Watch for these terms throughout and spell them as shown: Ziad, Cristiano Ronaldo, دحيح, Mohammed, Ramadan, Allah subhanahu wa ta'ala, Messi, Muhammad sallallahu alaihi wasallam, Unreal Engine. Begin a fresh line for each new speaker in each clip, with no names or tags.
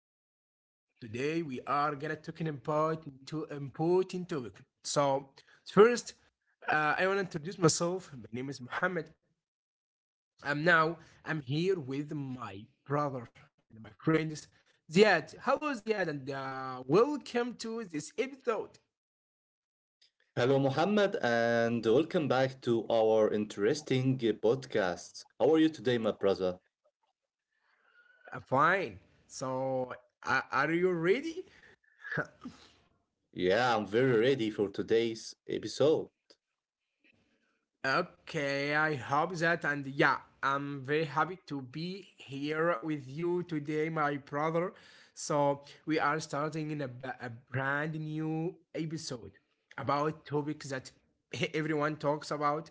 episode. Today, we are gonna talking about two important topic. So, first, I want to introduce myself. My name is Mohammed. I'm now I'm here with my brother and my friends, Ziad. Hello, Ziad, and welcome to this episode.
Hello Muhammad, and welcome back to our interesting podcast. How are you today, my brother?
I fine. So, are you ready?
Yeah, I'm very ready for today's episode.
Okay, I hope that, and yeah, I'm very happy to be here with you today, my brother. So we are starting in a brand new episode about topics that everyone talks about.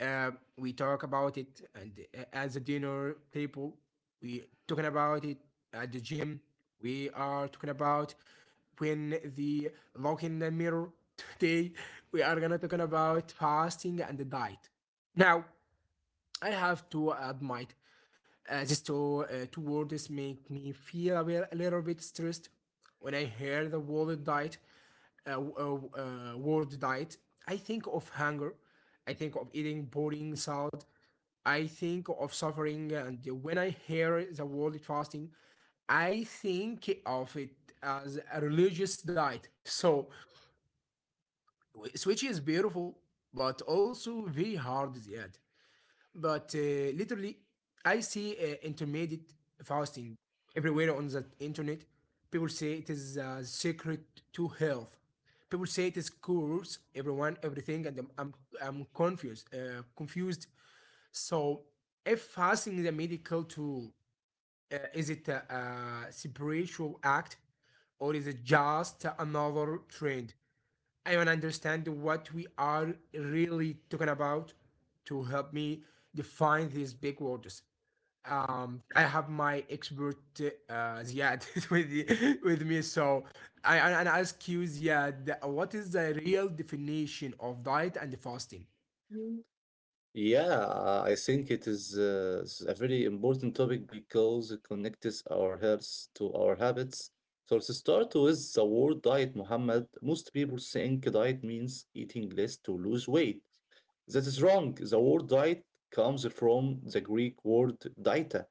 Uh, we talk about it, and as a dinner table, we talking about it at the gym. We are talking about when the look in the mirror today. We are gonna talking about fasting and the diet. Now, I have to admit, these two, two words make me feel a little bit stressed. When I hear the word diet, word diet, I think of hunger. I think of eating boring salad. I think of suffering. And when I hear the word fasting, I think of it as a religious diet. So, which is beautiful, but also very hard yet. But literally, I see intermediate fasting everywhere on the internet. People say it is a secret to health. People say it is cures everyone, everything, and I'm confused. Confused. So, if fasting is a medical tool, is it a spiritual act or is it just another trend? I want to understand what we are really talking about to help me define these big words. I have my expert Ziad with me, so I and ask you, Ziad, what is the real definition of diet and fasting?
Mm. Yeah, I think it is a very important topic because it connects our health to our habits. So let's start with the word diet, Muhammad. Most people think diet means eating less to lose weight. That is wrong. The word diet comes from the Greek word dieta,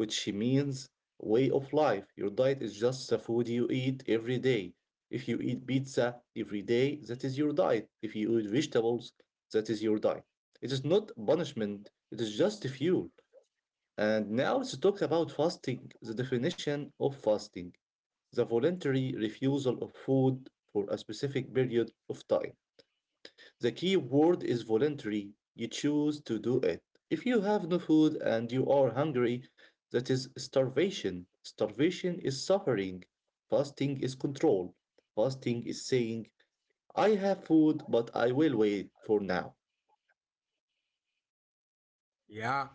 which means way of life. Your diet is just the food you eat every day. If you eat pizza every day, that is your diet. If you eat vegetables, that is your diet. It is not punishment, it is just fuel. And now let's talk about fasting, the definition of fasting, the voluntary refusal of food for a specific period of time. The key word is voluntary. You choose to do it. If you have no food and you are hungry, that is starvation. Starvation is suffering. Fasting is control. Fasting is saying, I have food, but I will wait for now.
Yeah.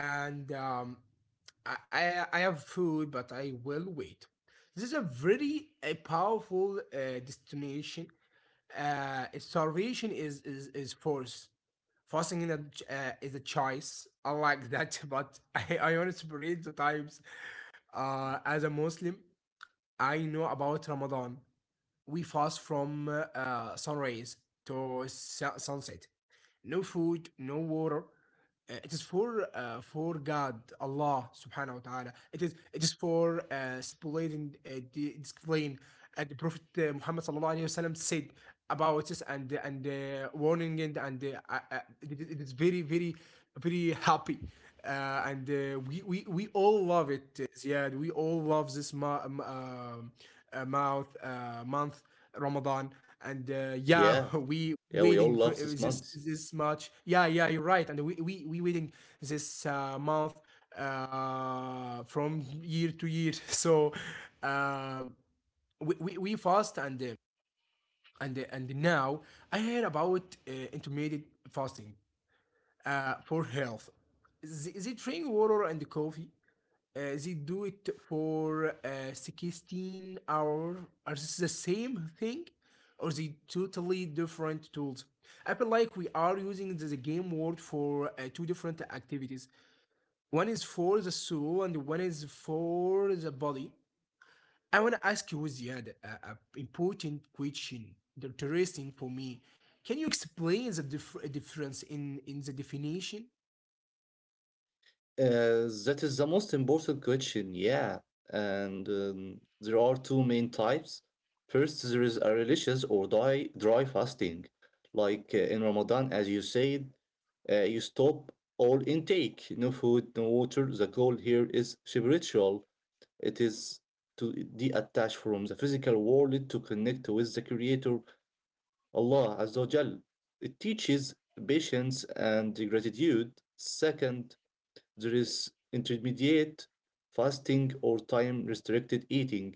and I have food, but I will wait. This is a very powerful destination. Starvation is force. Fasting in is a choice. I like that, but I want to separate the times. As a Muslim, I know about Ramadan. We fast from sunrise to sunset. No food, no water. It is for God, Allah subhanahu wa ta'ala. It is for speculating, the displaying, and the Prophet Muhammad sallallahu alaihi wasallam said about this and warning and I- it is very happy. And we all love it, Ziad. We all love this ma- mouth month. Ramadan, and yeah,
Yeah,
we
yeah, we all
waiting for
love this month.
this much. Yeah, yeah, you're right, and we waiting this month from year to year. So um, we fast and now I heard about intermittent fasting for health. They drink water and coffee they do it for 16 hours. Are this the same thing? Or they totally different tools? I feel like we are using the game world for two different activities. One is for the soul and one is for the body. I want to ask you, Ziad, a important question, interesting for me. Can you explain the difference in the definition?
That is the most important question, yeah. And there are two main types. First, there is a religious or dry fasting, like in Ramadan, as you said. You stop all intake, no food, no water. The goal here is spiritual. It is to detach from the physical world to connect with the Creator, Allah Azza wa Jal. It teaches patience and gratitude. Second, there is intermediate fasting or time restricted eating.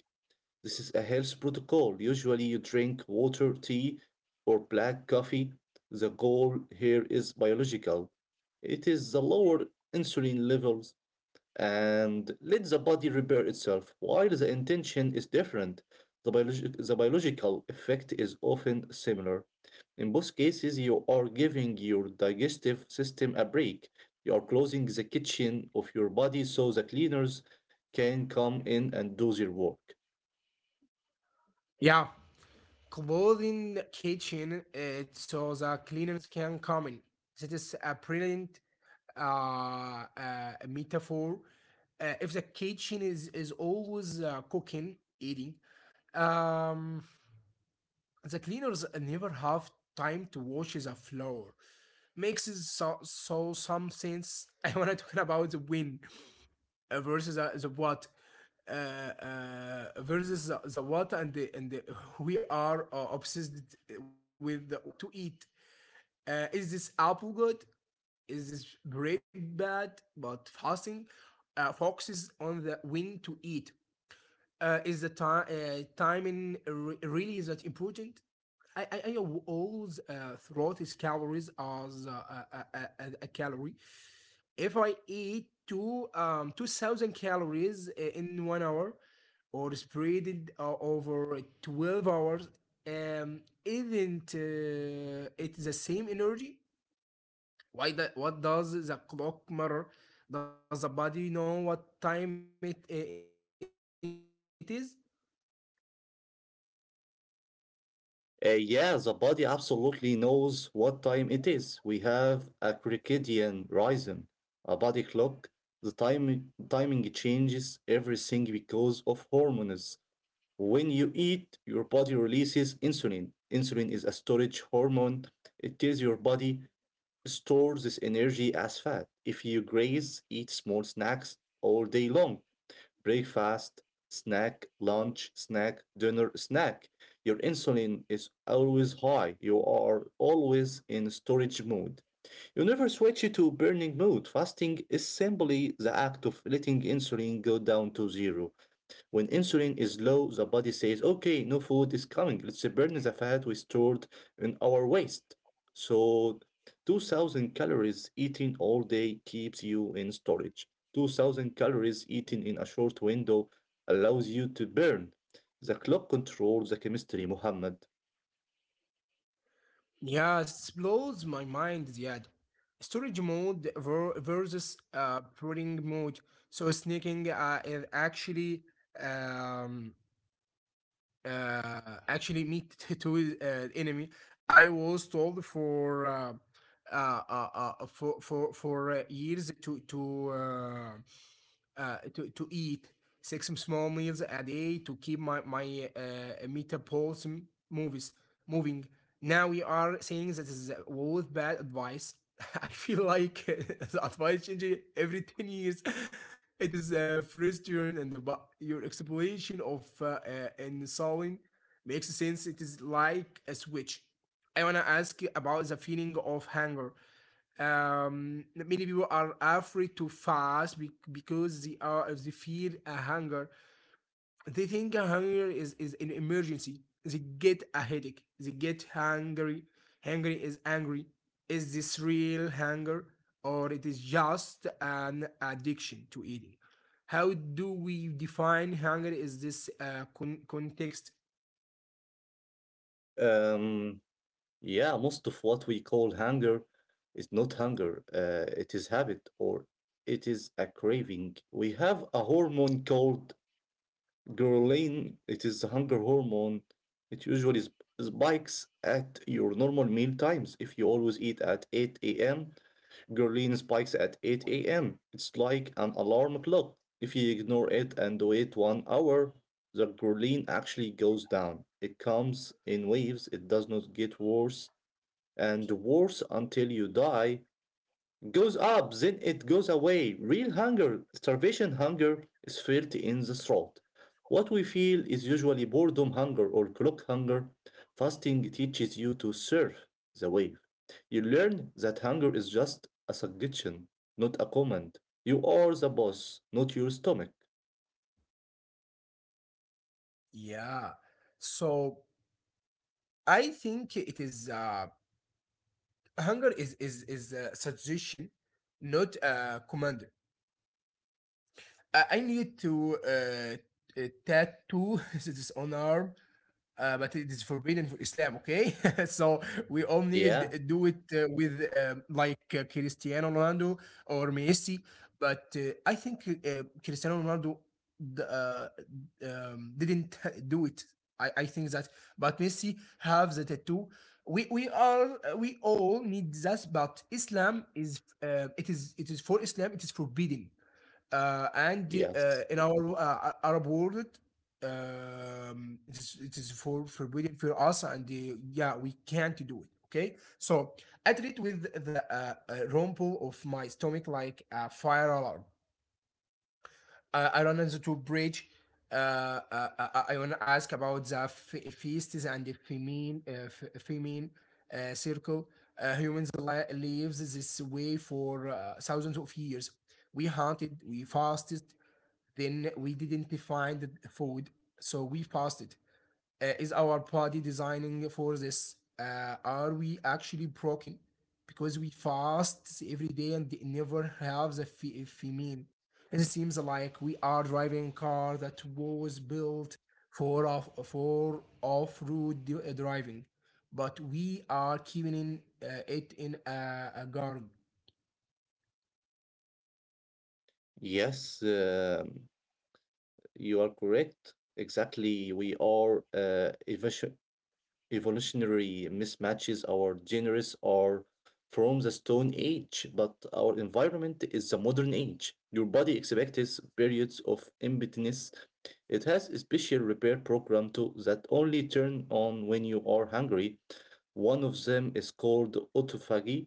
This is a health protocol. Usually, you drink water, tea, or black coffee. The goal here is biological. It is the lower insulin levels and let the body repair itself. While the intention is different, the biological effect is often similar. In both cases, you are giving your digestive system a break. You are closing the kitchen of your body so the cleaners can come in and do their work.
Yeah, clothing kitchen it so the cleaners can come in. That is a brilliant metaphor. If the kitchen is always cooking, eating, um, the cleaners never have time to wash the floor. Makes it so some sense. I wanna talk about the wind uh, versus uh, the what versus the what we are obsessed with the what to eat. Is this apple good? Is this bread bad? But fasting focuses on the when to eat. Is the time timing really is that important? I know all the, throughout his calories as a calorie, if I eat 2,000 calories in 1 hour, or spread it over 12 hours, isn't it the same energy? Why that? What does the clock matter? Does the body know what time it it is?
Yeah, the body absolutely knows what time it is. We have a circadian rhythm, a body clock. The timing changes everything because of hormones. When you eat, your body releases insulin. Insulin is a storage hormone. It tells your body to store this energy as fat. If you graze, eat small snacks all day long, breakfast, snack, lunch, snack, dinner, snack. Your insulin is always high. You are always in storage mode. You never switch to burning mode. Fasting is simply the act of letting insulin go down to zero. When insulin is low, the body says, okay, no food is coming. Let's burn the fat we stored in our waste. So, 2000 calories eaten all day keeps you in storage. 2000 calories eaten in a short window allows you to burn. The clock controls the chemistry, Muhammad.
Yeah, it blows my mind, Ziad. Storage mode versus pruning mode. So sneaking is actually um, uh, actually meet to his, enemy. I was told for uh, uh, for years to eat six small meals a day to keep my my metabolism movies moving. Now we are saying that is both bad advice. I feel like the advice changes every 10 years. It is frustrating, but your explanation of and solving makes sense. It is like a switch. I wanna ask you about the feeling of hunger, um, many people are afraid to fast because they fear a hunger. They think a hunger is an emergency. They get a headache, they get hungry. Hungry is angry. Is this real hunger, or it is just an addiction to eating? How do we define hunger? Is this context?
Um, yeah, most of what we call hunger is not hunger. It is habit or it is a craving. We have a hormone called ghrelin. It is the hunger hormone. It usually spikes at your normal meal times. If you always eat at 8 a.m., ghrelin spikes at 8 a.m. It's like an alarm clock. If you ignore it and wait 1 hour, the ghrelin actually goes down. It comes in waves. It does not get worse and worse until you die goes up, then it goes away. Real hunger, starvation hunger, is felt in the throat. What we feel is usually boredom hunger or clock hunger. Fasting teaches you to surf the wave. You learn that hunger is just a suggestion, not a command. You are the boss, not your stomach.
Yeah, so I think it is hunger is a suggestion, not a command. I need to tattoo this on arm but it is forbidden for Islam, okay? So we all need
Yeah,
to do it with, um, like Cristiano Ronaldo or Messi. But I think Cristiano Ronaldo d- uh, didn't do it. I think that, but Messi have the tattoo. We all need that, but Islam is it is for Islam. It is forbidden and
yes,
in our Arab world, it is for forbidden for us, and yeah, we can't do it. Okay, so I treat with the rumble of my stomach like a fire alarm. I run into the bridge. I want to ask about the feasts and the feminine, feminine circle. Humans lives this way for thousands of years. We hunted, we fasted, then we didn't find the food, so we fasted. Is our body designing for this? Are we actually broken? Because we fast every day and never have the female. It seems like we are driving a car that was built for off-road driving, but we are keeping in, it in a garage.
yes, you are correct. Exactly, we are evasion evolutionary mismatches. Our genres are from the Stone Age, but our environment is the modern age. Your body expects periods of emptiness. It has a special repair program too that only turn on when you are hungry. One of them is called autophagy.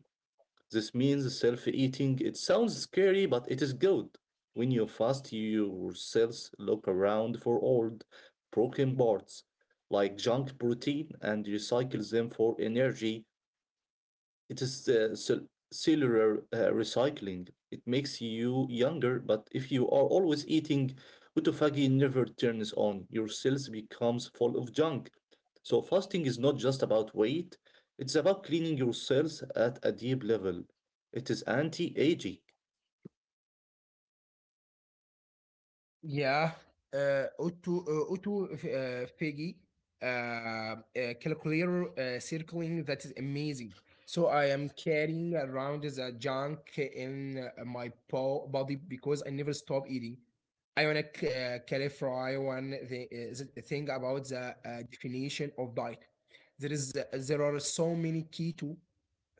This means self eating. It sounds scary, but it is good. When you fast, your cells look around for old, broken parts, like junk protein, and recycle them for energy. It is cellular recycling. It makes you younger, but if you are always eating, autophagy never turns on. Your cells becomes full of junk. So fasting is not just about weight. It's about cleaning your cells at a deep level. It is anti-aging.
Yeah. Otto, Otto, Figi, uh, uh, calculator circling, that is amazing. So I am carrying around the junk in body because I never stop eating. I wanna clarify one thing about the definition of diet. There are so many keto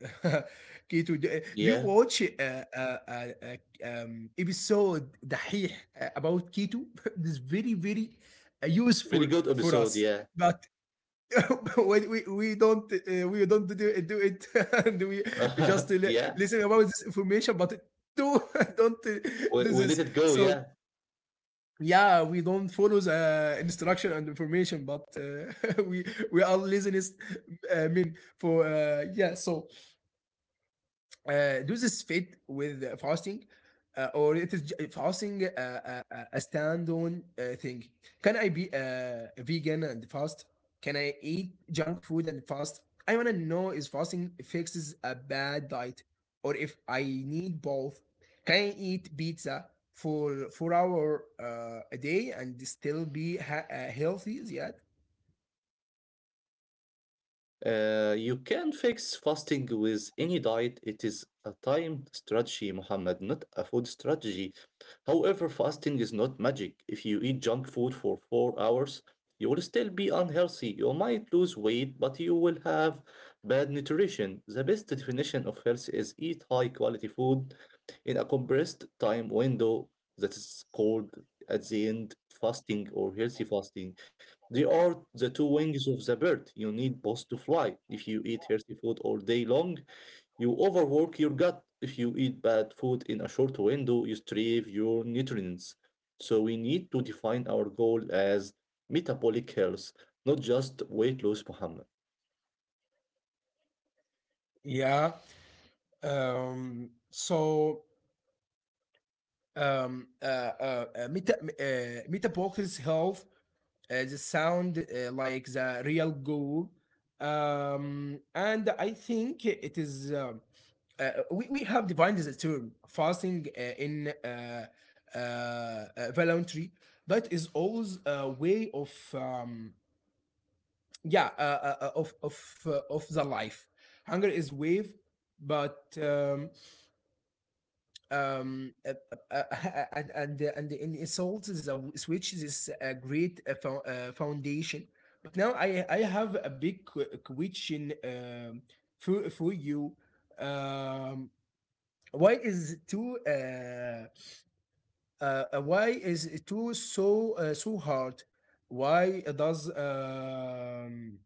Keto. Do you
Yeah,
watch uh, uh, uh, episode دحيح about keto? This is very very
very
useful
good
for
episode.
us.
Yeah,
But we don't do it and we just
yeah.
listen about this information, but do don't do
We let
this.
it go. Yeah.
So yeah, we don't follow the instruction and information, but we we are listeners, eh, I mean for yeah. So does this fit with fasting, or it is fasting a standalone thing? Can I be vegan and fast? Can I eat junk food and fast? I want to know is fasting fixes a bad diet, or if I need both? Can I eat pizza for 4 hour a day and still be healthy yet?
You can fix fasting with any diet. It is a time strategy, Muhammad, not a food strategy. However, fasting is not magic. If you eat junk food for 4 hours, you will still be unhealthy. You might lose weight, but you will have bad nutrition. The best definition of health is eat high quality food in a compressed time window. That is called, at the end, fasting or healthy fasting. They are the two wings of the bird. You need both to fly. If you eat healthy food all day long, you overwork your gut. If you eat bad food in a short window, you strive your nutrients. So we need to define our goal as metabolic health, not just weight loss, Muhammad.
Yeah. So metabolic health the sound like the real goal, and I think it is we have defined this term fasting in uh, uh, voluntary, that is always a way of yeah, of the life. Hunger is wave, but um uh, and the salt is switch, is a great foundation. But now I have a big question, for you, um why is two uh why is it too so so hard? Why does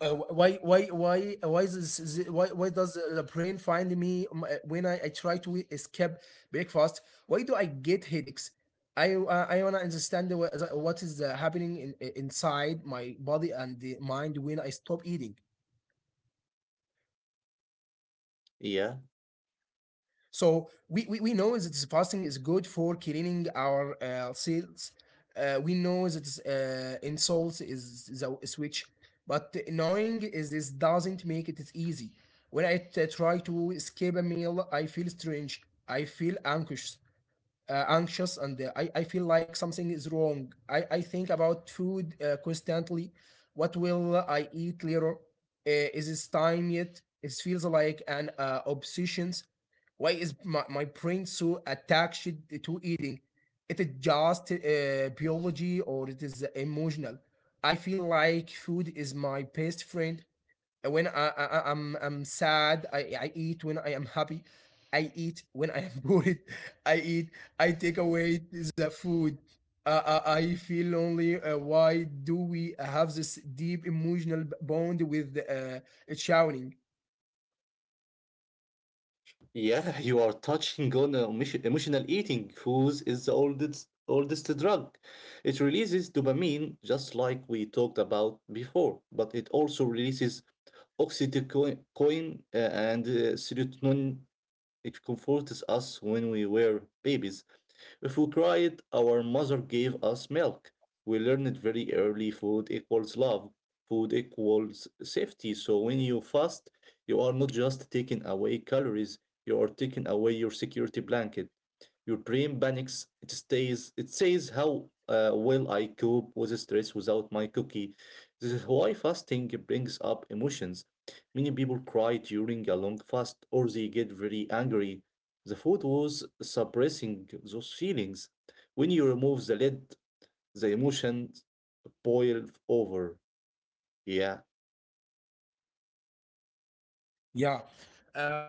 why Why is this, is- why does the brain find me when I try to escape breakfast? Why do I get headaches? I wanna understand what is happening in, inside my body and the mind when I stop eating.
Yeah,
So we know that fasting is good for cleaning our cells. We know that insults is the switch, but knowing is this doesn't make it is easy. When I try to escape a meal, I feel strange. I feel anxious anxious and I feel like something is wrong. I think about food constantly. What will I eat later? Is it time yet? It feels like an obsession. Why is my brain so attached to eating? It is just biology or it is emotional. I feel like food is my best friend when I'm sad, I eat when I am happy. I eat when I am bored. I eat. I take away the food. I feel lonely. Why do we have this deep emotional bond with shouting?
yeah, you are touching on emotion- emotional eating. Food is the oldest drug. It releases dopamine, just like we talked about before, but it also releases oxytocin and serotonin. It comforts us when we were babies. If we cried, our mother gave us milk. We learned very early food equals love, food equals safety. So when you fast, you are not just taking away calories, you are taking away your security blanket. Your brain panics. It stays. It says how will I cope with stress without my cookie. This is why fasting brings up emotions. Many people cry during a long fast or they get very angry. The food was suppressing those feelings. When you remove the lid, the emotions boil over. Yeah.
Yeah,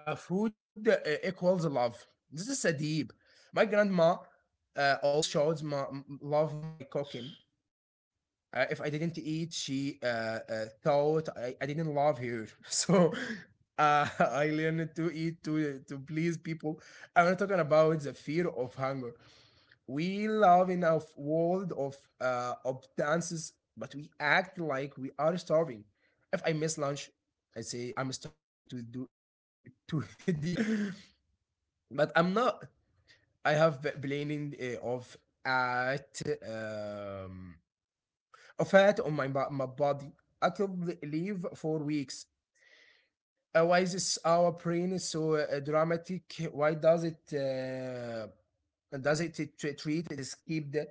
food equals love. This is a deep. My grandma always shouts, "My love, my cooking." If I didn't eat, she thought I didn't love her. So I learned to eat to please people. I'm not talking about the fear of hunger. We live in a world of dances, but we act like we are starving. If I miss lunch, I say I'm starving to do to eat, but I'm not. I have planning of at fat on my body. I could live for weeks. Why is this our brain is so dramatic? Why does it does it t- treat this keep the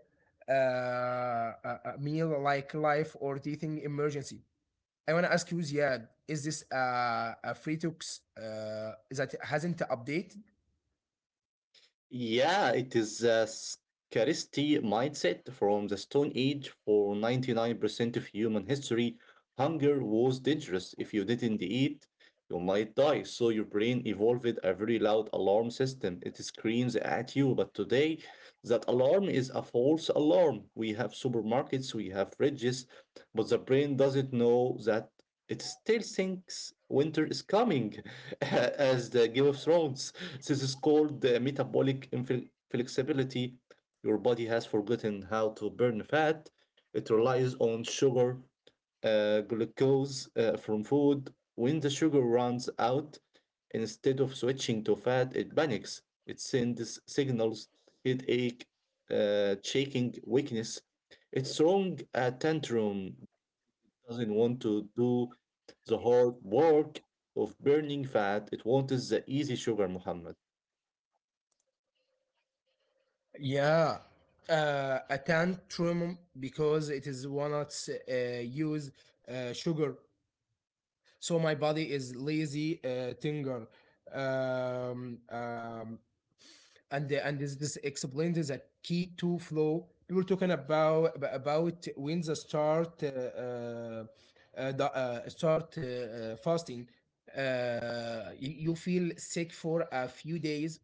a meal like life or teething emergency? I want to ask you, Ziad, is this a free talks that hasn't updated?
Yeah, it is a scarcity mindset from the Stone Age. For 99% of human history, hunger was dangerous. If you didn't eat, you might die. So your brain evolved a very loud alarm system. It screams at you. But today, that alarm is a false alarm. We have supermarkets, we have fridges, but the brain doesn't know that. It still thinks winter is coming, as the Game of Thrones. This is called the metabolic flexibility. Your body has forgotten how to burn fat. It relies on sugar, glucose from food. When the sugar runs out, instead of switching to fat, it panics. It sends signals: headache, shaking, weakness. It's wrong, a tantrum doesn't want to do the hard work of burning fat. It wants the easy sugar, Muhammad.
Yeah, a tantrum because it is walnuts use sugar. So my body is lazy, tinger, um, um, and this explained the key to flow. We were talking about when the, start fasting. You feel sick for a few days,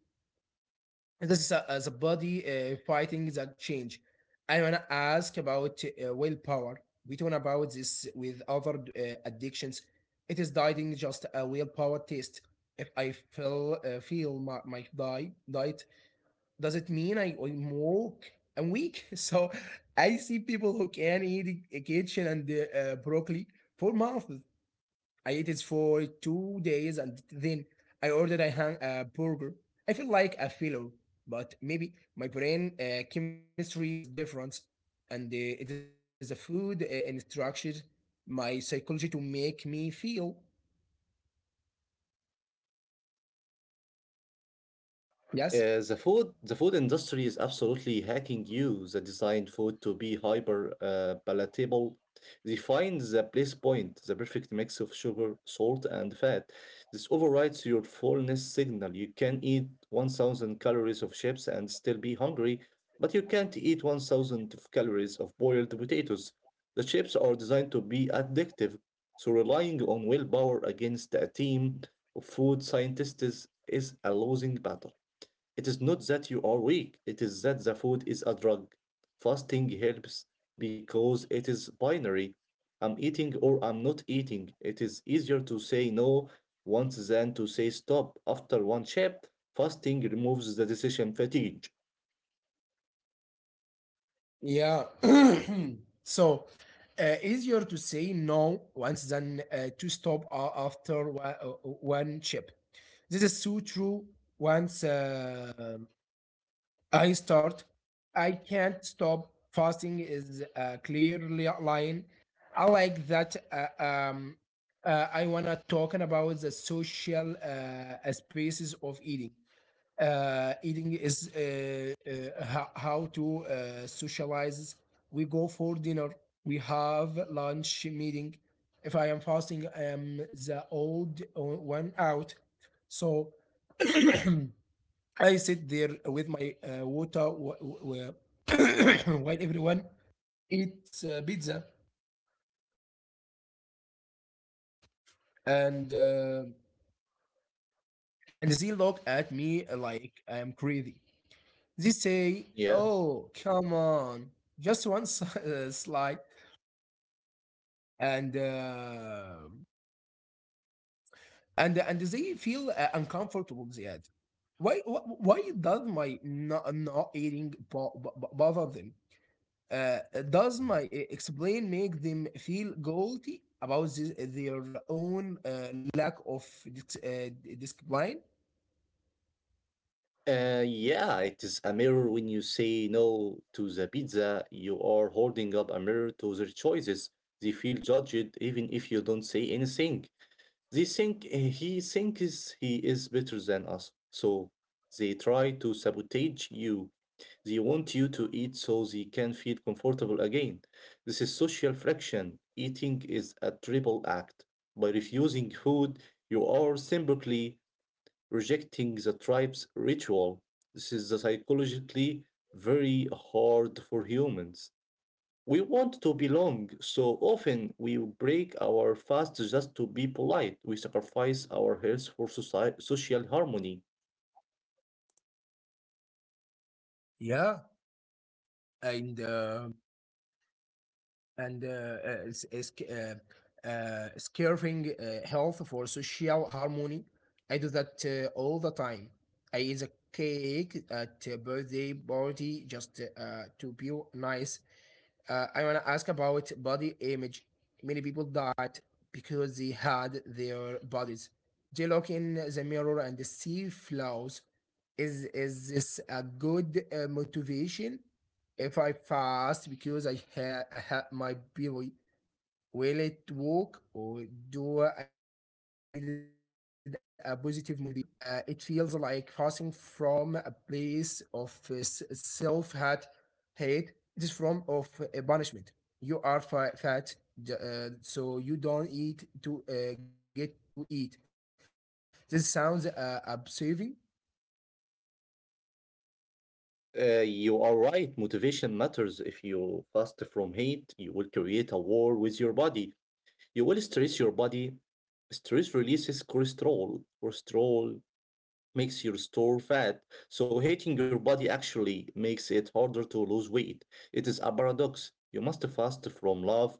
this is a, as a body fighting the change. I wanna ask about willpower. We talk about this with other addictions. It is dieting just a willpower test. If I feel my, my diet, does it mean I'm woke? I'm weak. So I see people who can eat a kitchen and broccoli for months. I ate it for 2 days and then I ordered a, hang, a burger. I feel like a failure, but maybe my brain chemistry is different and it is a food instruction, my psychology to make me feel. Yes?
The food industry is absolutely hacking you. They design food to be hyper palatable. They find the place point, the perfect mix of sugar, salt, and fat. This overrides your fullness signal. You can eat 1,000 calories of chips and still be hungry, but you can't eat 1,000 of calories of boiled potatoes. The chips are designed to be addictive, so relying on willpower against a team of food scientists is a losing battle. It is not that you are weak, it is that the food is a drug. Fasting helps because it is binary. I'm eating or I'm not eating. It is easier to say no once than to say stop after one chip. Fasting removes the decision fatigue.
Yeah. So easier to say no once than to stop after one chip. This is so true once. I start. I can't stop. Fasting is a clear line. I like that. I wanna talking about the social spaces of eating. Eating is how to socialize. We go for dinner. We have lunch meeting. If I am fasting, I am the old one out. So I sit there with my water while everyone eats pizza, and uh, and they look at me like I am crazy. They say,
Yeah.
"Oh, come on, just one slide," and uh, and and they feel uncomfortable. They add, "Why why does my not, not eating bother them?" Uh, does my explain make them feel guilty about this, their own lack of dis- uh, discipline?
Yeah, it is a mirror. When you say no to the pizza, you are holding up a mirror to their choices. They feel judged even if you don't say anything. They think, eh, he thinks he is better than us, so they try to sabotage you. They want you to eat so they can feel comfortable again. This is social friction. Eating is a triple act. By refusing food, you are simply rejecting the tribe's ritual. This is psychologically very hard for humans. We want to belong, so often we break our fast just to be polite. We sacrifice our health for society, social harmony.
Yeah, and uh, and s- is- scaring health for social harmony. I do that all the time. I eat a cake at a birthday party just to be nice. I want to ask about body image. Many people died because they had their bodies. They look in the mirror and they see flaws. Is this a good motivation? If I fast because I had my belly, will it work or do I needed a positive motivation? It feels like passing from a place of self hate. It is from of punishment. You are fat, so you don't eat to get to eat. This sounds absurd.
You are right, motivation matters. If you fast from hate, you will create a war with your body. You will stress your body. Stress releases cholesterol. Cholesterol makes your store fat, so hating your body actually makes it harder to lose weight. It is a paradox. You must fast from love.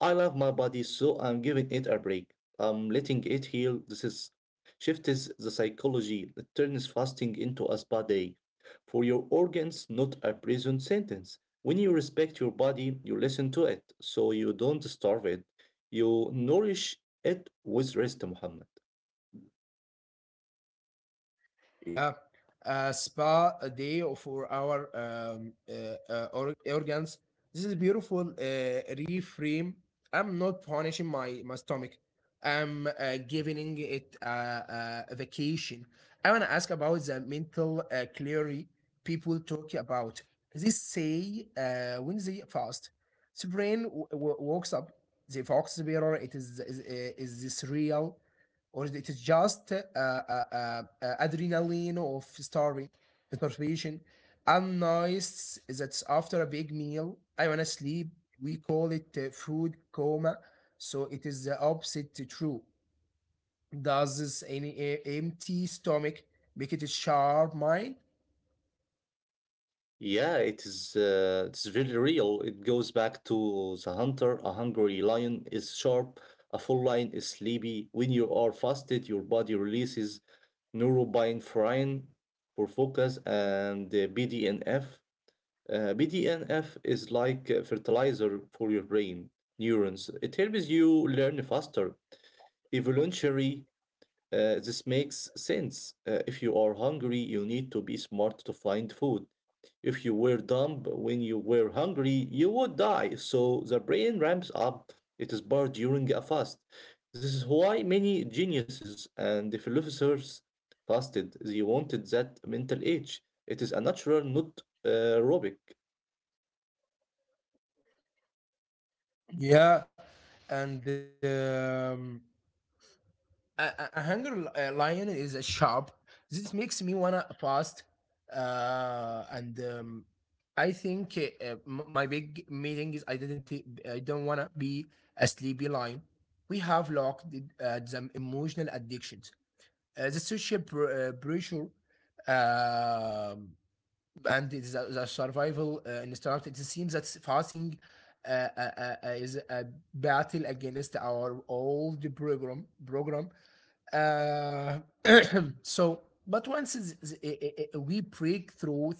I love my body, so I'm giving it a break. I'm letting it heal. This is shift is the psychology that turns fasting into a spa day for your organs, not a prison sentence. When you respect your body, you listen to it, so you don't starve it. You nourish it with rest, Muhammad.
Yeah, a spa a day for our organs. This is beautiful reframe. I'm not punishing my stomach. I'm giving it a vacation. I want to ask about the mental clarity people talk about. They say when they fast, the brain wakes up. The fox bearer, is this real? Or it is just adrenaline of starving, starvation. And am nice is that after a big meal, I wanna sleep. We call it food coma, so it is the opposite to true. Does this any empty stomach make it a sharp mind?
Yeah, it is it's very real. It goes back to the hunter. A hungry lion is sharp, a full lion is sleepy. When you are fasted, your body releases norepinephrine for focus and BDNF. BDNF is like a fertilizer for your brain neurons. It helps you learn faster. Evolutionary, this makes sense. If you are hungry, you need to be smart to find food. If you were dumb when you were hungry, you would die. So the brain ramps up its power during a fast. This is why many geniuses and philosophers fasted. They wanted that mental age. It is a natural, not aerobic.
Yeah, and a, a hunger lion is a sharp. This makes me wanna fast, and I think my big meeting is I didn't t- I don't wanna be a sleepy lion. We have locked some emotional addictions, the social pressure, um, and it is a, the survival instinct. It seems that fasting uh, uh, is a battle against our old program uh, so, but once we break through,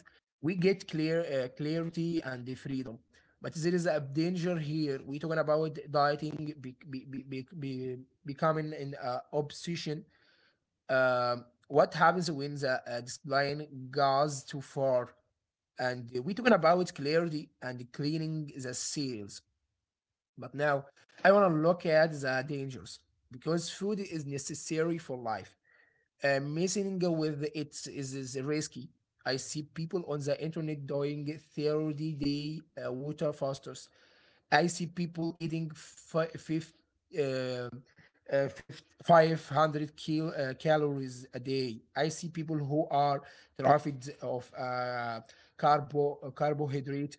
we get clear clarity and the freedom. But there is a danger here. We talking about dieting becoming an obsession. What happens when the this line goes too far? And we talking about clarity and cleaning the seals. But now I want to look at the dangers because food is necessary for life messing with is risky. I see people on the internet doing 30 day water fasters. I see people eating uh, 500 calories a day. I see people who are deprived of carbohydrate.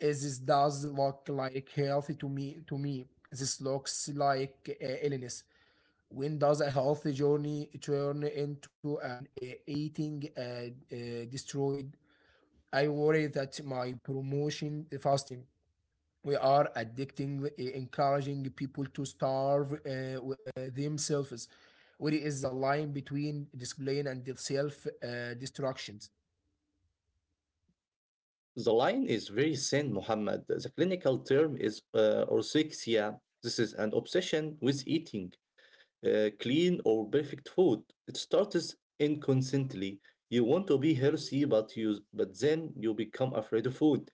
As this does look like healthy to me. To me, this looks like illness. When does a healthy journey turn into an eating destroyed? I worry that my promotion the fasting we are addicting, encouraging people to starve themselves. Where is the line between discipline and the self destructions?
The line is very thin, Muhammad. The clinical term is orthorexia. This is an obsession with eating clean or perfect food. It starts inconsistently. You want to be healthy, but then you become afraid of food.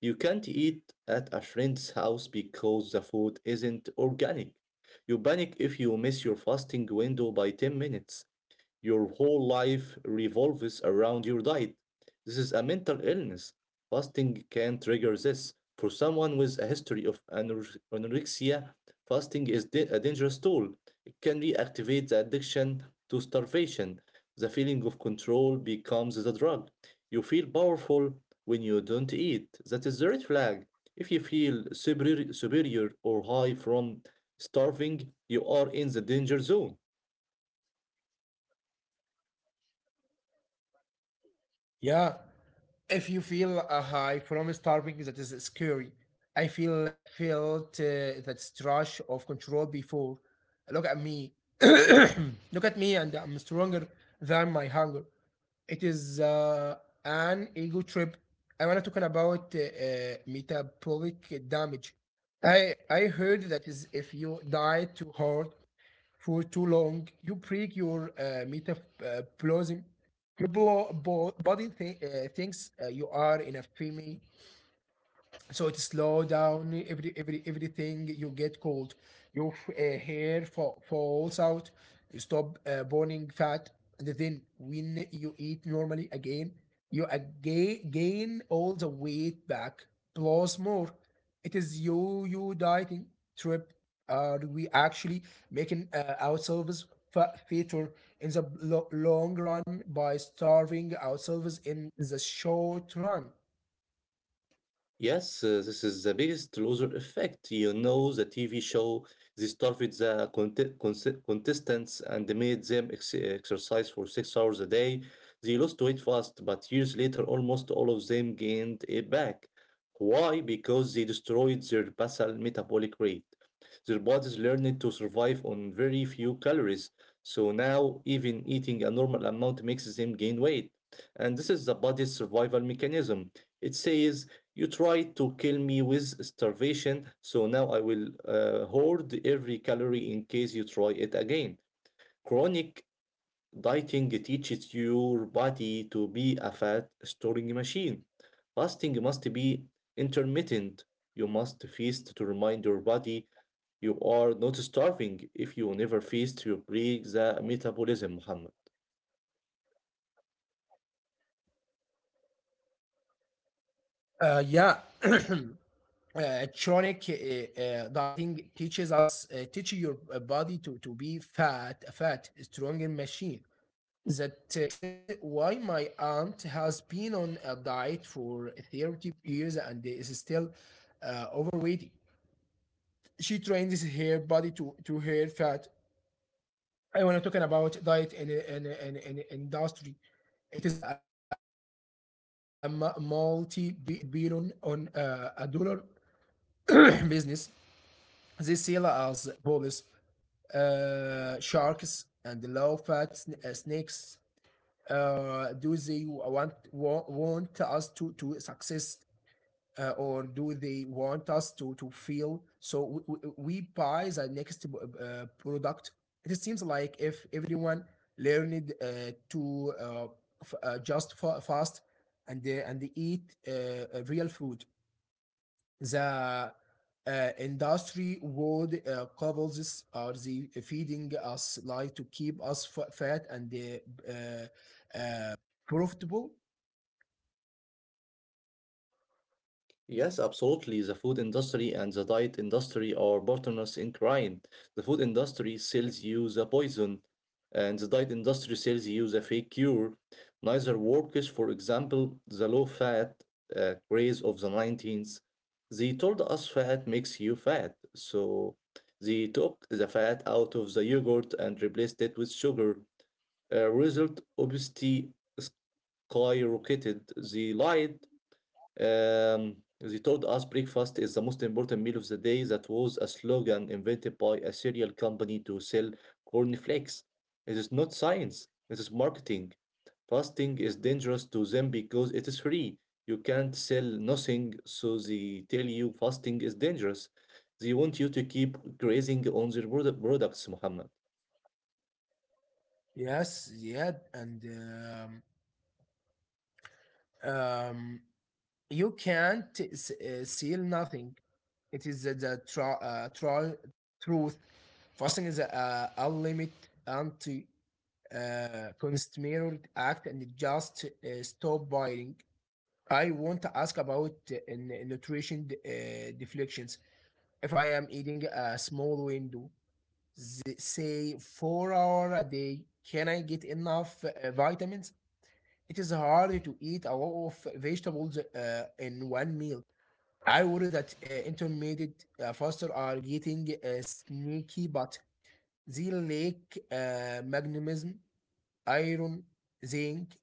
You can't eat at a friend's house because the food isn't organic. You panic if you miss your fasting window by 10 minutes. Your whole life revolves around your diet. This is a mental illness. Fasting can trigger this. For someone with a history of anorexia, fasting is a dangerous tool. It can reactivate the addiction to starvation. The feeling of control becomes the drug. You feel powerful when you don't eat. That is the red flag. If you feel superior or high from starving, you are in the danger zone.
Yeah, if you feel a high from starving that is scary. I feel felt that rush of control before. Look at me look at me and I'm stronger than my hunger. It is an ego trip. I want to talk about metabolic damage. I heard that is if you diet too hard for too long, you break your metaplasm. Your body thinks you are in a female so it slow down everything. You get cold, your hair falls out, you stop burning fat, and then when you eat normally again you again gain all the weight back plus more. It is you you dieting trip, are we actually making ourselves fatter in the long run by starving ourselves in the short run?
Yes, this is the biggest loser effect. You know, the TV show, they started the contestants and they made them exercise for 6 hours a day. They lost weight fast, but years later, almost all of them gained it back. Why? Because they destroyed their basal metabolic rate. Their bodies learned to survive on very few calories, so now even eating a normal amount makes them gain weight. And this is the body's survival mechanism. It says you tried to kill me with starvation, so now I will hoard every calorie in case you try it again. Chronic dieting teaches your body to be a fat storing machine. Fasting must be intermittent. You must feast to remind your body you are not starving. If you never feast, you break the metabolism, Muhammad.
Yeah, chronic dieting teaches us teaching your body to be fat stronger machine. That explains why my aunt has been on a diet for 30 years and is still overweight. She trains her body to her fat. I want to talk about diet and industry. It is a multi billion on a dollar business. They sell as police sharks and low fat snakes. Do they want want us to success, or do they want us to feel so we buy the next product? It seems like if everyone learned to just fast and and eat real food. The industry would couples are the feeding us lie to keep us fat and profitable.
Yes, absolutely. The food industry and the diet industry are partners in crime. The food industry sells you the poison, and the diet industry sells you the fake cure. Neither works. For example, the low fat craze of the 19th. They told us fat makes you fat, so they took the fat out of the yogurt and replaced it with sugar. Result: obesity skyrocketed. They lied. They told us breakfast is the most important meal of the day. That was a slogan invented by a cereal company to sell cornflakes. It is not science, it is marketing. Fasting is dangerous to them because it is free. You can't sell nothing, so they tell you fasting is dangerous. They want you to keep grazing on their products, Muhammad.
Yes, yeah, and um, um, you can't seal nothing. It is the truth. Fasting is a limit anti consumer act and it just stop buying. I want to ask about nutrition deflections. If I am eating a small window, say 4 hour a day, can I get enough vitamins? It is hard to eat a lot of vegetables in one meal. I worry that intermittent fasters are getting sneaky, but they lack magnesium, iron, zinc.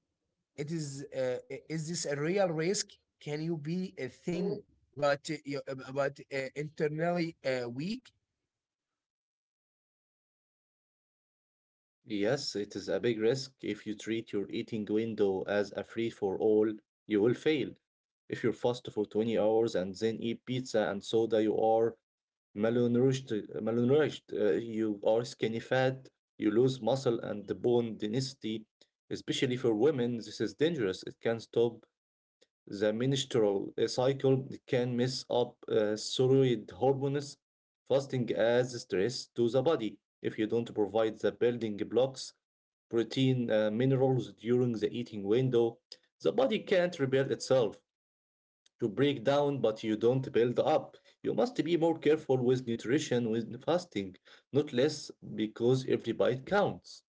It is is this a real risk? Can you be a thin but internally weak?
Yes, it is a big risk. If you treat your eating window as a free for all, you will fail. If you fast for 20 hours and then eat pizza and soda, you are malnourished. malnourished. You are skinny fat, you lose muscle and the bone density. Especially for women, this is dangerous. It can stop the menstrual cycle, can mess up thyroid hormones. Fasting adds stress to the body. If you don't provide the building blocks, protein, minerals during the eating window, the body can't rebuild itself. You break down, but you don't build up. You must be more careful with nutrition with fasting, not less, because every bite counts.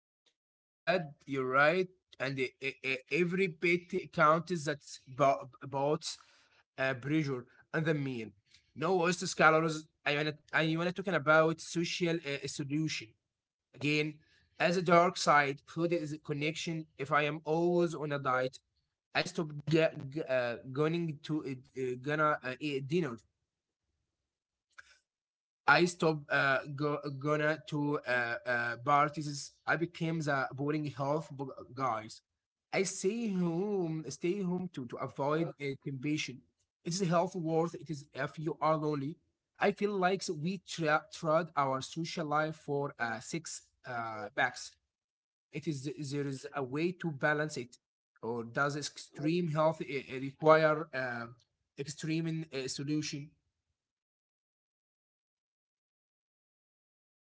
Yes, yeah, you're right. And every bit counts. That's about pressure and the meal. No oyster scholars, I want to talking about social solution. Again, as a dark side, food is a connection. If I am always on a diet, I stop going to gonna eat dinner. I stop gonna to parties. I became the boring health guys. I stay home to avoid temptation. It's health worth. It is if you are lonely. I feel like we trade our social life for six packs. It is there is a way to balance it, or does extreme health require extreme solution?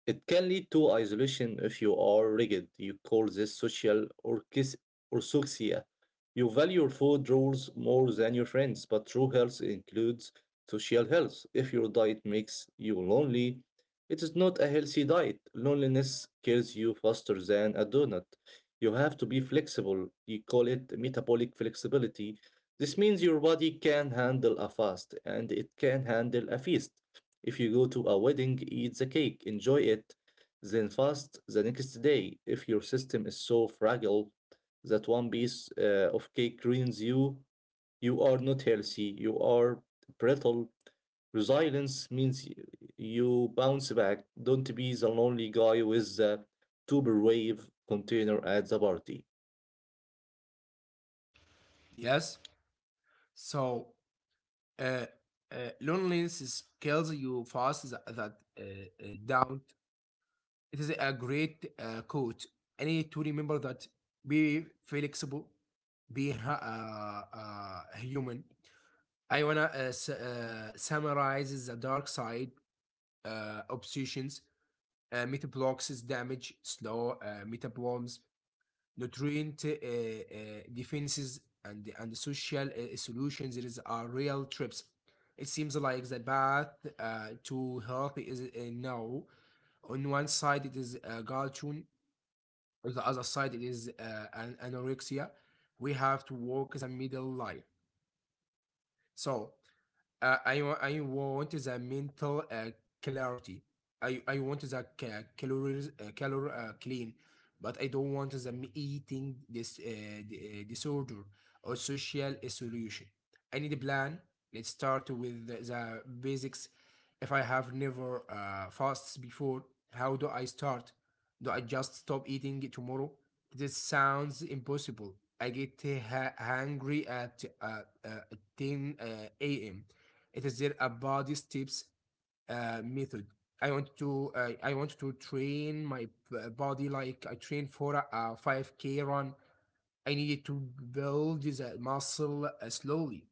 It can lead to isolation if you are rigid. You call this social orthoxia. You value your food rules more than your friends, but true health includes social health. If your diet makes you lonely, it is not a healthy diet. Loneliness kills you faster than a donut. You have to be flexible. You call it metabolic flexibility. This means your body can handle a fast and it can handle a feast. If you go to a wedding, eat the cake, enjoy it, then fast the next day. If your system is so fragile that one piece of cake ruins you, you are not healthy, you are brittle. Resilience means you bounce back. Don't be the lonely guy with the Tupperware container at the party.
Yes. So uh, uh, loneliness kills you fast. That down. It is a great quote. I need to remember that. Be flexible. Be human. I wanna summarize the dark side obsessions, meta damage, slow meta nutrient defenses, and social solutions. It is are real trips. It seems like the path to health is now. On one side, it is gallstone. On the other side, it is an anorexia. We have to walk the middle line. So I want the mental clarity. I want the calories calor clean, but I don't want the eating this disorder or social isolation. I need a plan. Let's start with the basics. If I have never fasted before, how do I start? Do I just stop eating tomorrow? This sounds impossible. I get hungry at 10 a.m. It is there a body steps method. I want to train my body like I train for a 5K run. I needed to build that muscle slowly.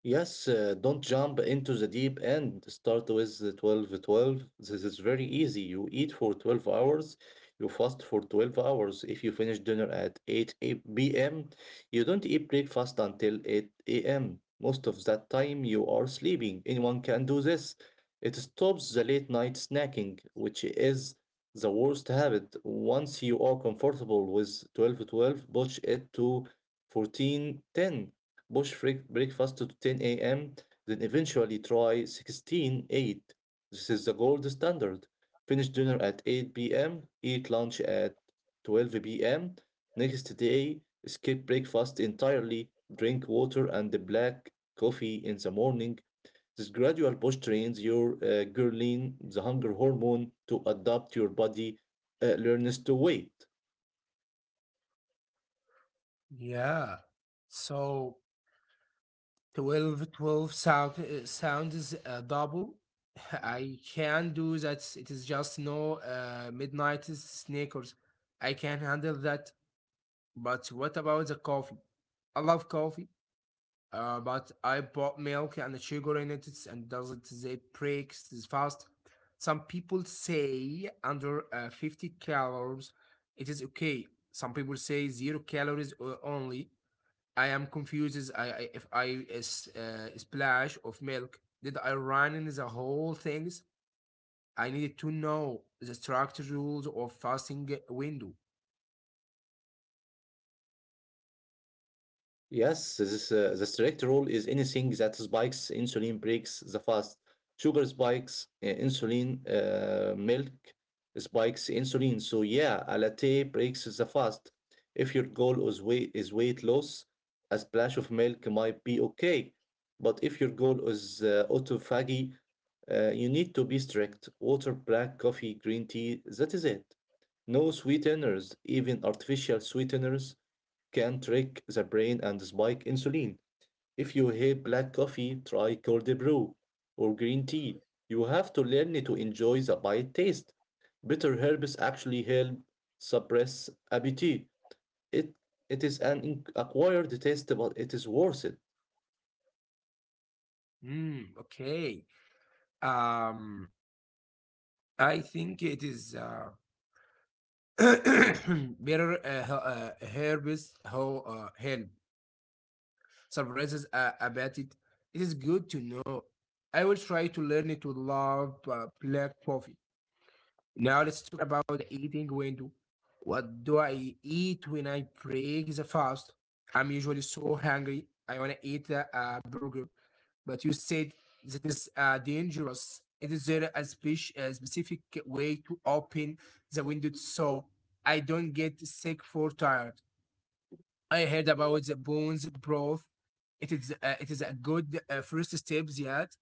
Yes, don't jump into the deep end. Start with the 12 12. This is very easy. You eat for 12 hours, you fast for 12 hours. If you finish dinner at 8 p.m., you don't eat breakfast until 8 a.m. Most of that time, you are sleeping. Anyone can do this. It stops the late night snacking, which is the worst habit. Once you are comfortable with 12 12, push it to 14 10, push breakfast to 10 a.m., then eventually try 16 eight. This is the gold standard. Finish dinner at 8 p.m., eat lunch at 12 p.m. Next day, skip breakfast entirely, drink water and the black coffee in the morning. This gradual push trains your ghrelin, the hunger hormone, to adapt. Your body learns to wait.
Yeah. So twelve 12 sound sounds double. I can do that. It is just no midnight sneakers. I can handle that. But what about the coffee? I love coffee, but I bought milk and the sugar in and does it they breaks is fast. Some people say under 50 calories, it is okay. Some people say zero calories only. I am confused as I if I is splash of milk. Did I run in the whole things? I needed to know the structure rules of fasting window.
Yes, the strict rule is anything that spikes insulin breaks the fast. Sugar spikes insulin, milk spikes insulin. So yeah, a latte breaks the fast. If your goal is weight loss, a splash of milk might be okay. But if your goal is autophagy, you need to be strict. Water, black coffee, green tea, that is it. No sweeteners, even artificial sweeteners can trick the brain and spike insulin. If you hate black coffee, try cold brew or green tea. You have to learn to enjoy the bite taste. Bitter herbs actually help suppress appetite. It, it is an acquired taste, but it is worth it.
Hmm. Okay. Um. I think it is. Better herbs who help surprises about it. It is good to know. I will try to learn to love black coffee. Now let's talk about the eating window. What do I eat when I break the fast? I'm usually so hungry. I want to eat a burger, but you said that is dangerous. It is there a specific way to open the window so I don't get sick for tired? I heard about the bones broth. It is a good first steps yet.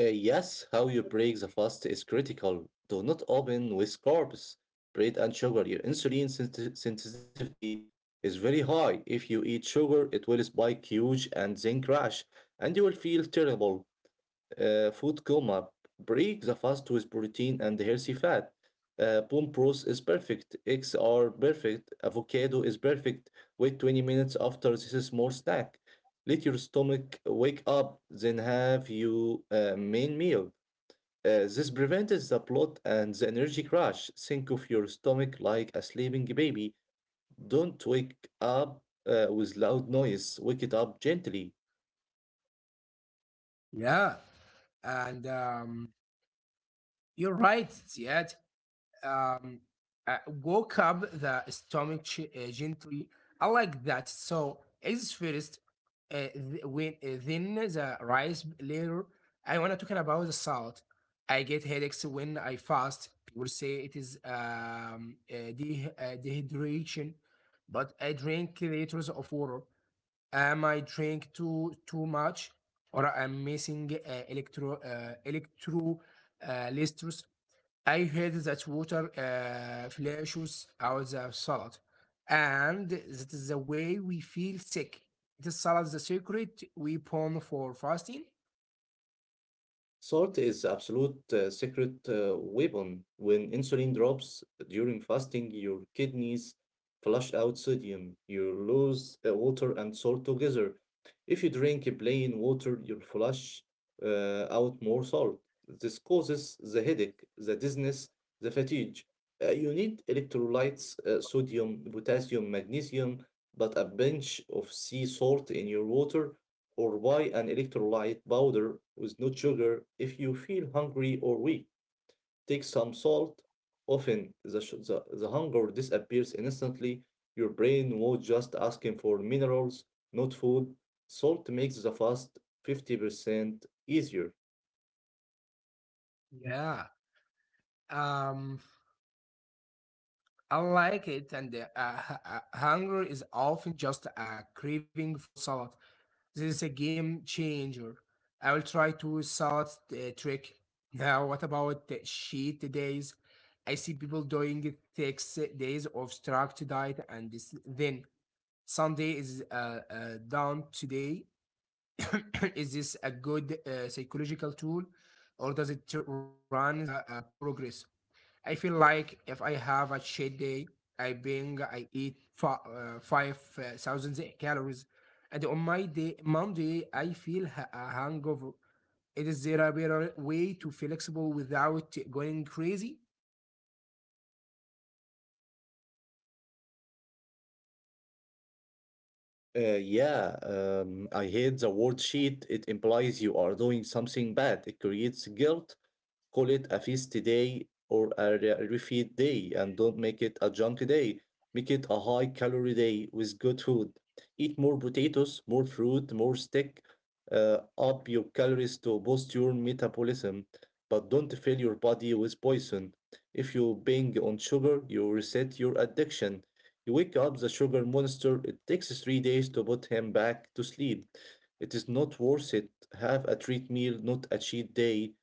Yes, how you break the fast is critical. Do not open with carbs, bread, and sugar. Your insulin sensitivity is very high. If you eat sugar, it will spike huge and then crash, and you will feel terrible, food coma. Break the fast with protein and healthy fat. Bone broth is perfect. Eggs are perfect. Avocado is perfect. Wait 20 minutes after this small snack. Let your stomach wake up, then have your main meal. This prevents the bloat and the energy crash. Think of your stomach like a sleeping baby. Don't wake up with loud noise. Wake it up gently.
Yeah, and you're right, Ziad. um, woke up the stomach gently. I like that. So is first, th- when then the rice later. I wanna talking about the salt. I get headaches when I fast. People say it is dehydration, but I drink liters of water. Am I drink too much, or I'm missing electro electro uh, I heard that water flushes out the salad, and that is the way we feel sick. It is salad the secret weapon for fasting.
Salt is absolute secret weapon. When insulin drops during fasting, your kidneys flush out sodium. You lose water and salt together. If you drink plain water, you flush out more salt. This causes the headache, the dizziness, the fatigue. You need electrolytes, sodium, potassium, magnesium, but a pinch of sea salt in your water or buy an electrolyte powder with no sugar. If you feel hungry or weak, take some salt. Often the hunger disappears instantly. Your brain was just asking for minerals, not food. Salt makes the fast 50% easier.
Yeah, um, I like it, and hunger is often just a craving for salad. This is a game changer. I will try to salad the trick. Now, what about the cheat days? I see people doing six days of strict diet, and this, then Sunday is down today. Is this a good psychological tool, or does it run the progress? I feel like if I have a shit day, I eat 5,000 calories. And on my day, Monday, I feel a hangover. It is there a better way to flexible without going crazy?
Yeah, I hate the word cheat. It implies you are doing something bad. It creates guilt. Call it a feast day or a refeed day and don't make it a junk day. Make it a high calorie day with good food. Eat more potatoes, more fruit, more steak. Up your calories to boost your metabolism, but don't fill your body with poison. If you bang on sugar, you reset your addiction. You wake up the sugar monster. It takes 3 days to put him back to sleep. It is not worth it. Have a treat meal, not a cheat day.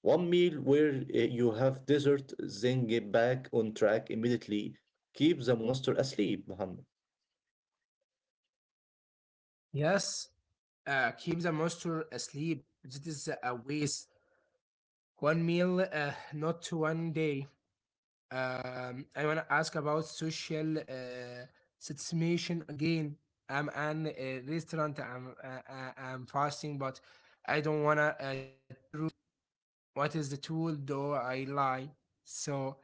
One meal where you have dessert, then get back on track immediately. Keep the monster asleep, Muhammad.
Yes, keep the monster asleep. This is a waste. One meal, not one day. I want to ask about social satisfaction again. I'm an restaurant. I'm fasting, but I don't wanna be rude. What is the tool though I lie? So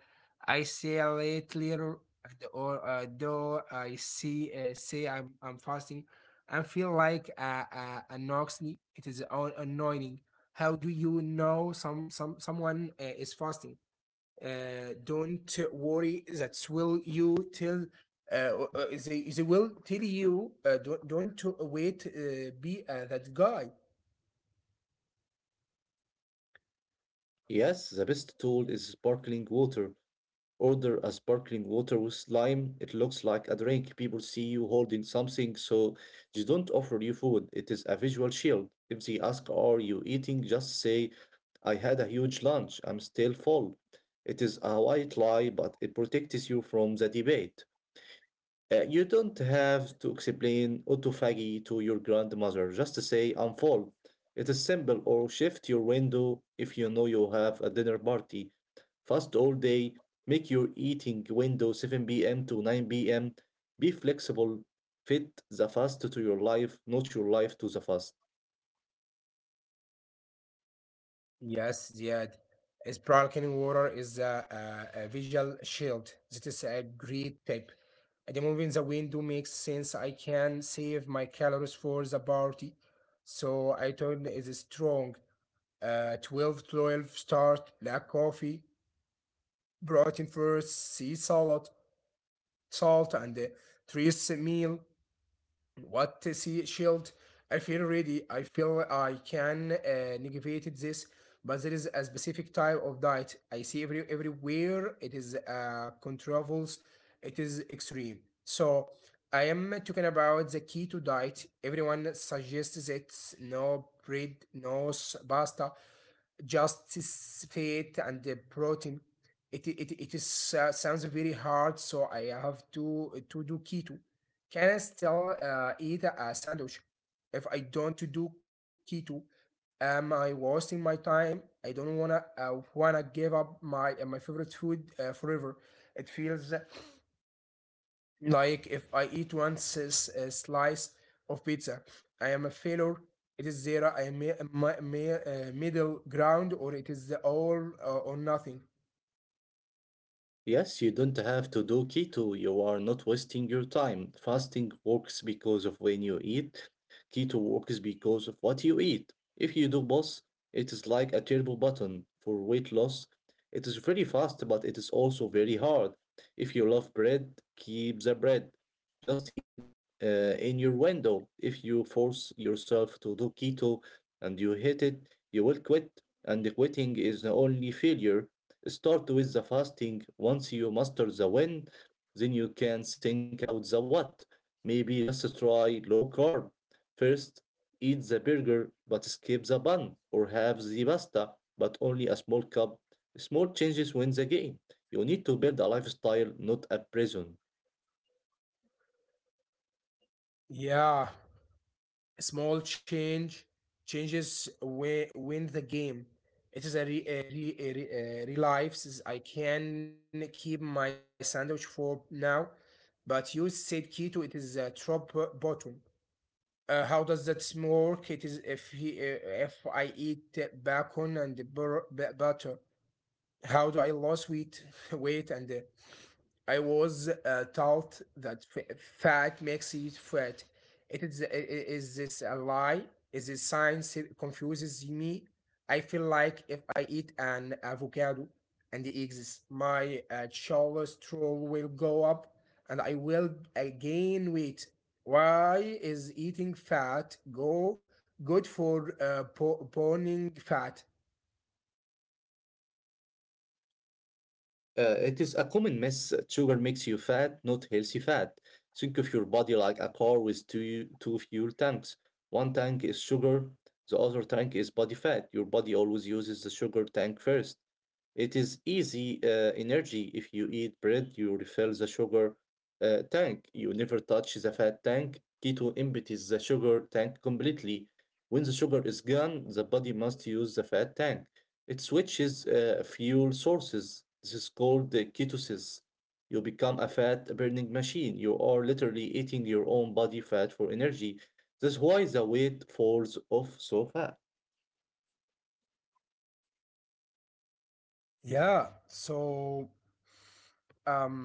I say a little later, or though I see say I'm fasting, I feel like annoying. It is annoying. How do you know someone is fasting? Don't worry. That will you tell. They will tell you don't wait. Be that guy.
Yes, the best tool is sparkling water. Order a sparkling water with lime. It looks like a drink. People see you holding something, so they don't offer you food. It is a visual shield. If they ask, "Are you eating?" just say, "I had a huge lunch. I'm still full." It is a white lie, but it protects you from the debate. You don't have to explain autophagy to your grandmother. Just say unfold. It is simple. Or shift your window if you know you have a dinner party. Fast all day. Make your eating window 7 p.m. to 9 p.m. Be flexible. Fit the fast to your life, not your life to the fast.
Yes, Ziad. Sparkling water is a visual shield. That is a great tip. Removing the window makes sense. I can save my calories for the party. So I turn is strong. Twelve start, black coffee, protein first, sea salad, salt, and three meal what to see shield. I feel ready, I feel I can negate this. But there is a specific type of diet I see every everywhere. It is controls. It is extreme. So I am talking about the keto diet. Everyone suggests it: no bread, no pasta, just fat and the protein. It is sounds very hard. So I have to do keto? Can I still eat a sandwich if I don't to do keto? Am I wasting my time? I don't wanna give up my my favorite food forever. It feels like if I eat slice of pizza, I am a failure. It is zero. I am middle ground, or it is the all or nothing.
Yes, you don't have to do keto. You are not wasting your time. Fasting works because of when you eat. Keto works because of what you eat. If you do both, it is like a turbo button for weight loss. It is very fast, but it is also very hard. If you love bread, keep the bread. Just eat it in your window. If you force yourself to do keto and you hate it, you will quit. And quitting is the only failure. Start with the fasting. Once you master the when, then you can think about the what. Maybe just try low carb. First, eat the burger but skip the bun or have the pasta but only a small cup. Small changes win the game. You need to build a lifestyle, not a prison.
Yeah, a small changes win the game. It is a relives. I can keep my sandwich for now, but you said keto. It is a drop bottom. How does that work? It is if I eat bacon and butter. How do I lose weight, weight and I was taught that fat makes you fat. It is, is this a lie? Is this science it confuses me? I feel like if I eat an avocado and the eggs, my cholesterol will go up and I will gain weight. Why is eating fat go good for burning fat?
It is a common myth that sugar makes you fat, not healthy fat. Think of your body like a car with two fuel tanks. One tank is sugar, the other tank is body fat. Your body always uses the sugar tank first. It is easy energy. If you eat bread, you refill the sugar tank, you never touch the fat tank. Keto empties the sugar tank completely. When the sugar is gone, the body must use the fat tank. It switches fuel sources. This is called the ketosis. You become a fat burning machine. You are literally eating your own body fat for energy. That's why the weight falls off so fast.
Yeah, so um,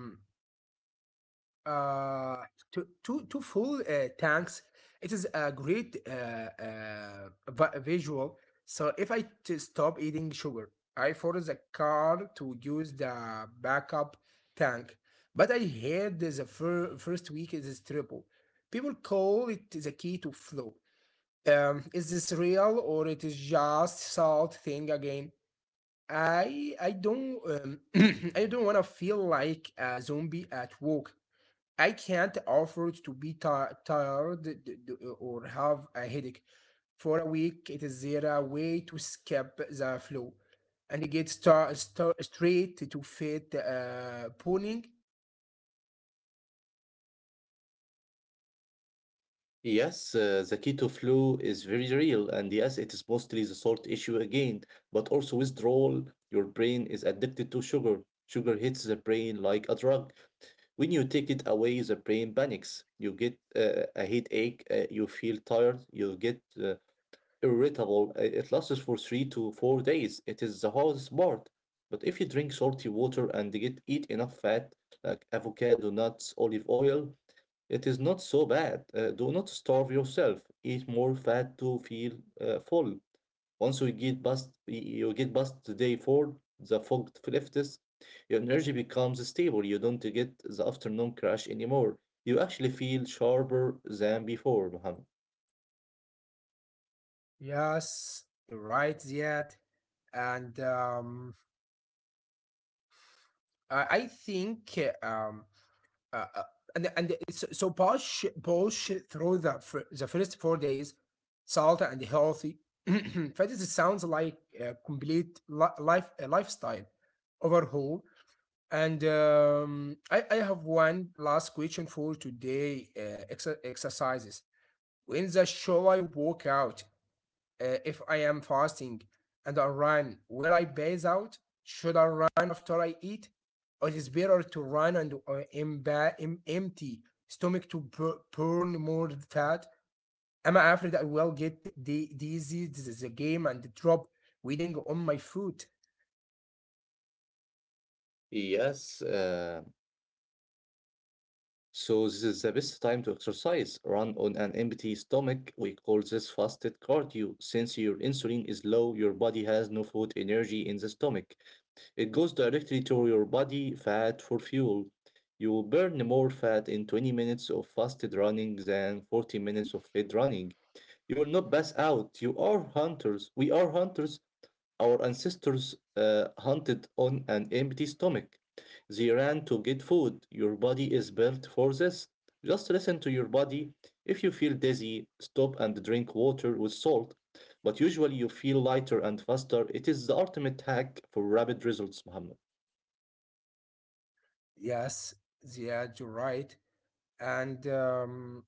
uh to full tanks. It is a great vi- visual. So if I stop eating sugar, I force the car to use the backup tank. But I heard the first week is triple. People call it the key to flow. Um, is this real, or it is just salt thing again? I don't I don't want to feel like a zombie at work. I can't afford to be tired or have a headache for a week. It is there a way to skip the flow and get straight to fit pulling?
Yes, the keto flu is very real, and yes, it is mostly the salt issue again, but also withdrawal. Your brain is addicted to sugar. Sugar hits the brain like a drug. When you take it away, the brain panics. You get a headache, you feel tired, you get irritable. It lasts for 3 to 4 days. It is the hardest part. But if you drink salty water and get eat enough fat, like avocado, nuts, olive oil, it is not so bad. Do not starve yourself. Eat more fat to feel full. Once you get past You get past the day four, the fog lifts, your energy becomes stable. You don't get the afternoon crash anymore. You actually feel sharper than before, Muhammad.
Yes, you're right, Ziad. And I think um, uh, uh, and so, push through the the first 4 days, salt and healthy. Fetish sounds like a complete life a lifestyle overhaul. And I have one last question for today: exercises. When the shall I walk out? Uh, if I am fasting and I run, will I base out? Should I run after I eat? Or it is better to run and em- empty stomach to burn more fat? Am I afraid I will get the disease? This is a game and drop waiting on my food.
Yes. So this is the best time to exercise. Run on an empty stomach. We call this fasted cardio. Since your insulin is low, your body has no food energy in the stomach. It goes directly to your body fat for fuel. You will burn more fat in 20 minutes of fasted running than 40 minutes of fed running. You will not pass out. You are hunters. We are hunters. Our ancestors hunted on an empty stomach. They ran to get food. Your body is built for this. Just listen to your body. If you feel dizzy, stop and drink water with salt. But usually you feel lighter and faster. It is the ultimate hack for rapid results, Muhammad.
Yes, yeah, you're right. And um,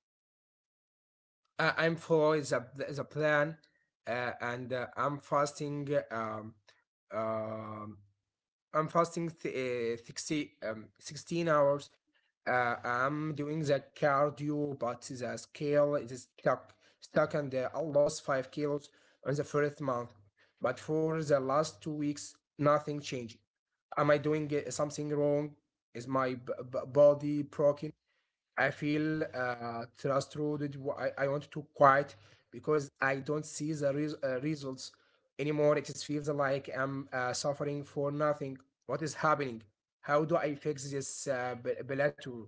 I- I'm following the plan and um, I'm fasting 16 hours. I'm doing the cardio, but the scale is stuck, and I lost 5 kilos on the first month. But for the last 2 weeks, nothing changed. Am I doing something wrong? Is my body broken? I feel frustrated. I want to quit because I don't see the results anymore. It just feels like I'm suffering for nothing. What is happening? How do I fix this plateau?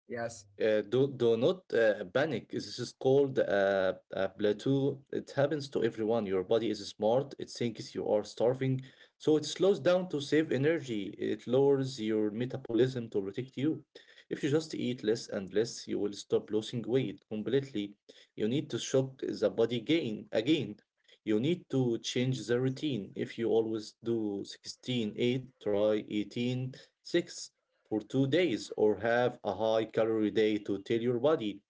Yes.
Do not panic. This is called plateau. It happens to everyone. Your body is smart. It thinks you are starving, so it slows down to save energy. It lowers your metabolism to protect you. If you just eat less and less, you will stop losing weight completely. You need to shock the body gain again. You need to change the routine. If you always do 16, 8, try 18/6 for 2 days or have a high calorie day to tell your body,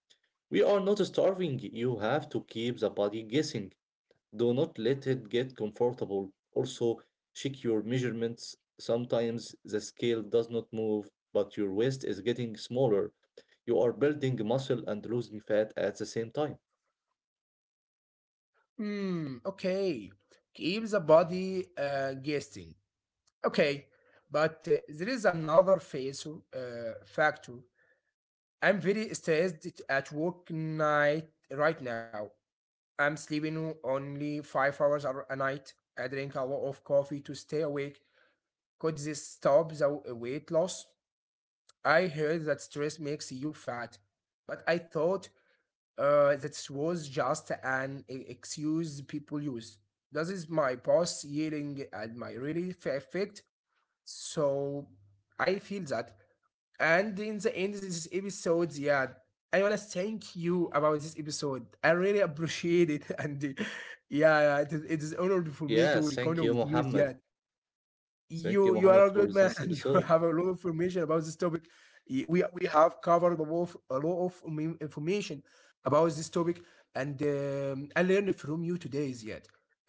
we are not starving. You have to keep the body guessing. Do not let it get comfortable. Also, check your measurements. Sometimes the scale does not move, but your waist is getting smaller. You are building muscle and losing fat at the same time.
Hmm. Okay. Keep the body guessing. Okay. But there is another phase factor. I'm very stressed at work night right now. I'm sleeping only 5 hours a night. I drink a lot of coffee to stay awake. Could this stop the weight loss? I heard that stress makes you fat, but I thought that was just an excuse people use. This is my boss yelling at my really effect. So I feel that, and in the end of this episode, yeah, I wanna thank you about this episode. I really appreciate it, and yeah, yeah, it is honored for me
Yeah,
to record
thank you,
with you.
Mohammed.
Yeah,
Thank you,
you are
Mohammed,
a
for
good man,
this
and you
episode.
have a lot of information about this topic. We have covered a lot of information about this topic, and I learned from you today, Ziad.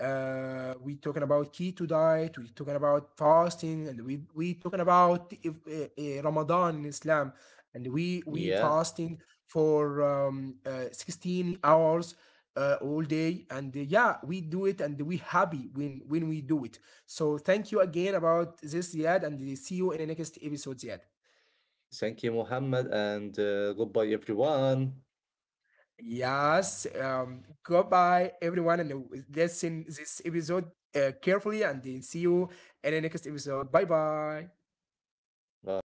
We talking about keto diet. We talking about fasting, and we talking about if, Ramadan in Islam, and we
Yeah,
fasting for 16 hours all day, and yeah, we do it and we happy when we do it. So thank you again about this, Ziad, and see you in the next episode, Ziad.
thank you, Mohammed, and goodbye, everyone.
Yes, goodbye everyone, and listen this episode carefully, and then see you in the next episode. Bye bye.
Bye.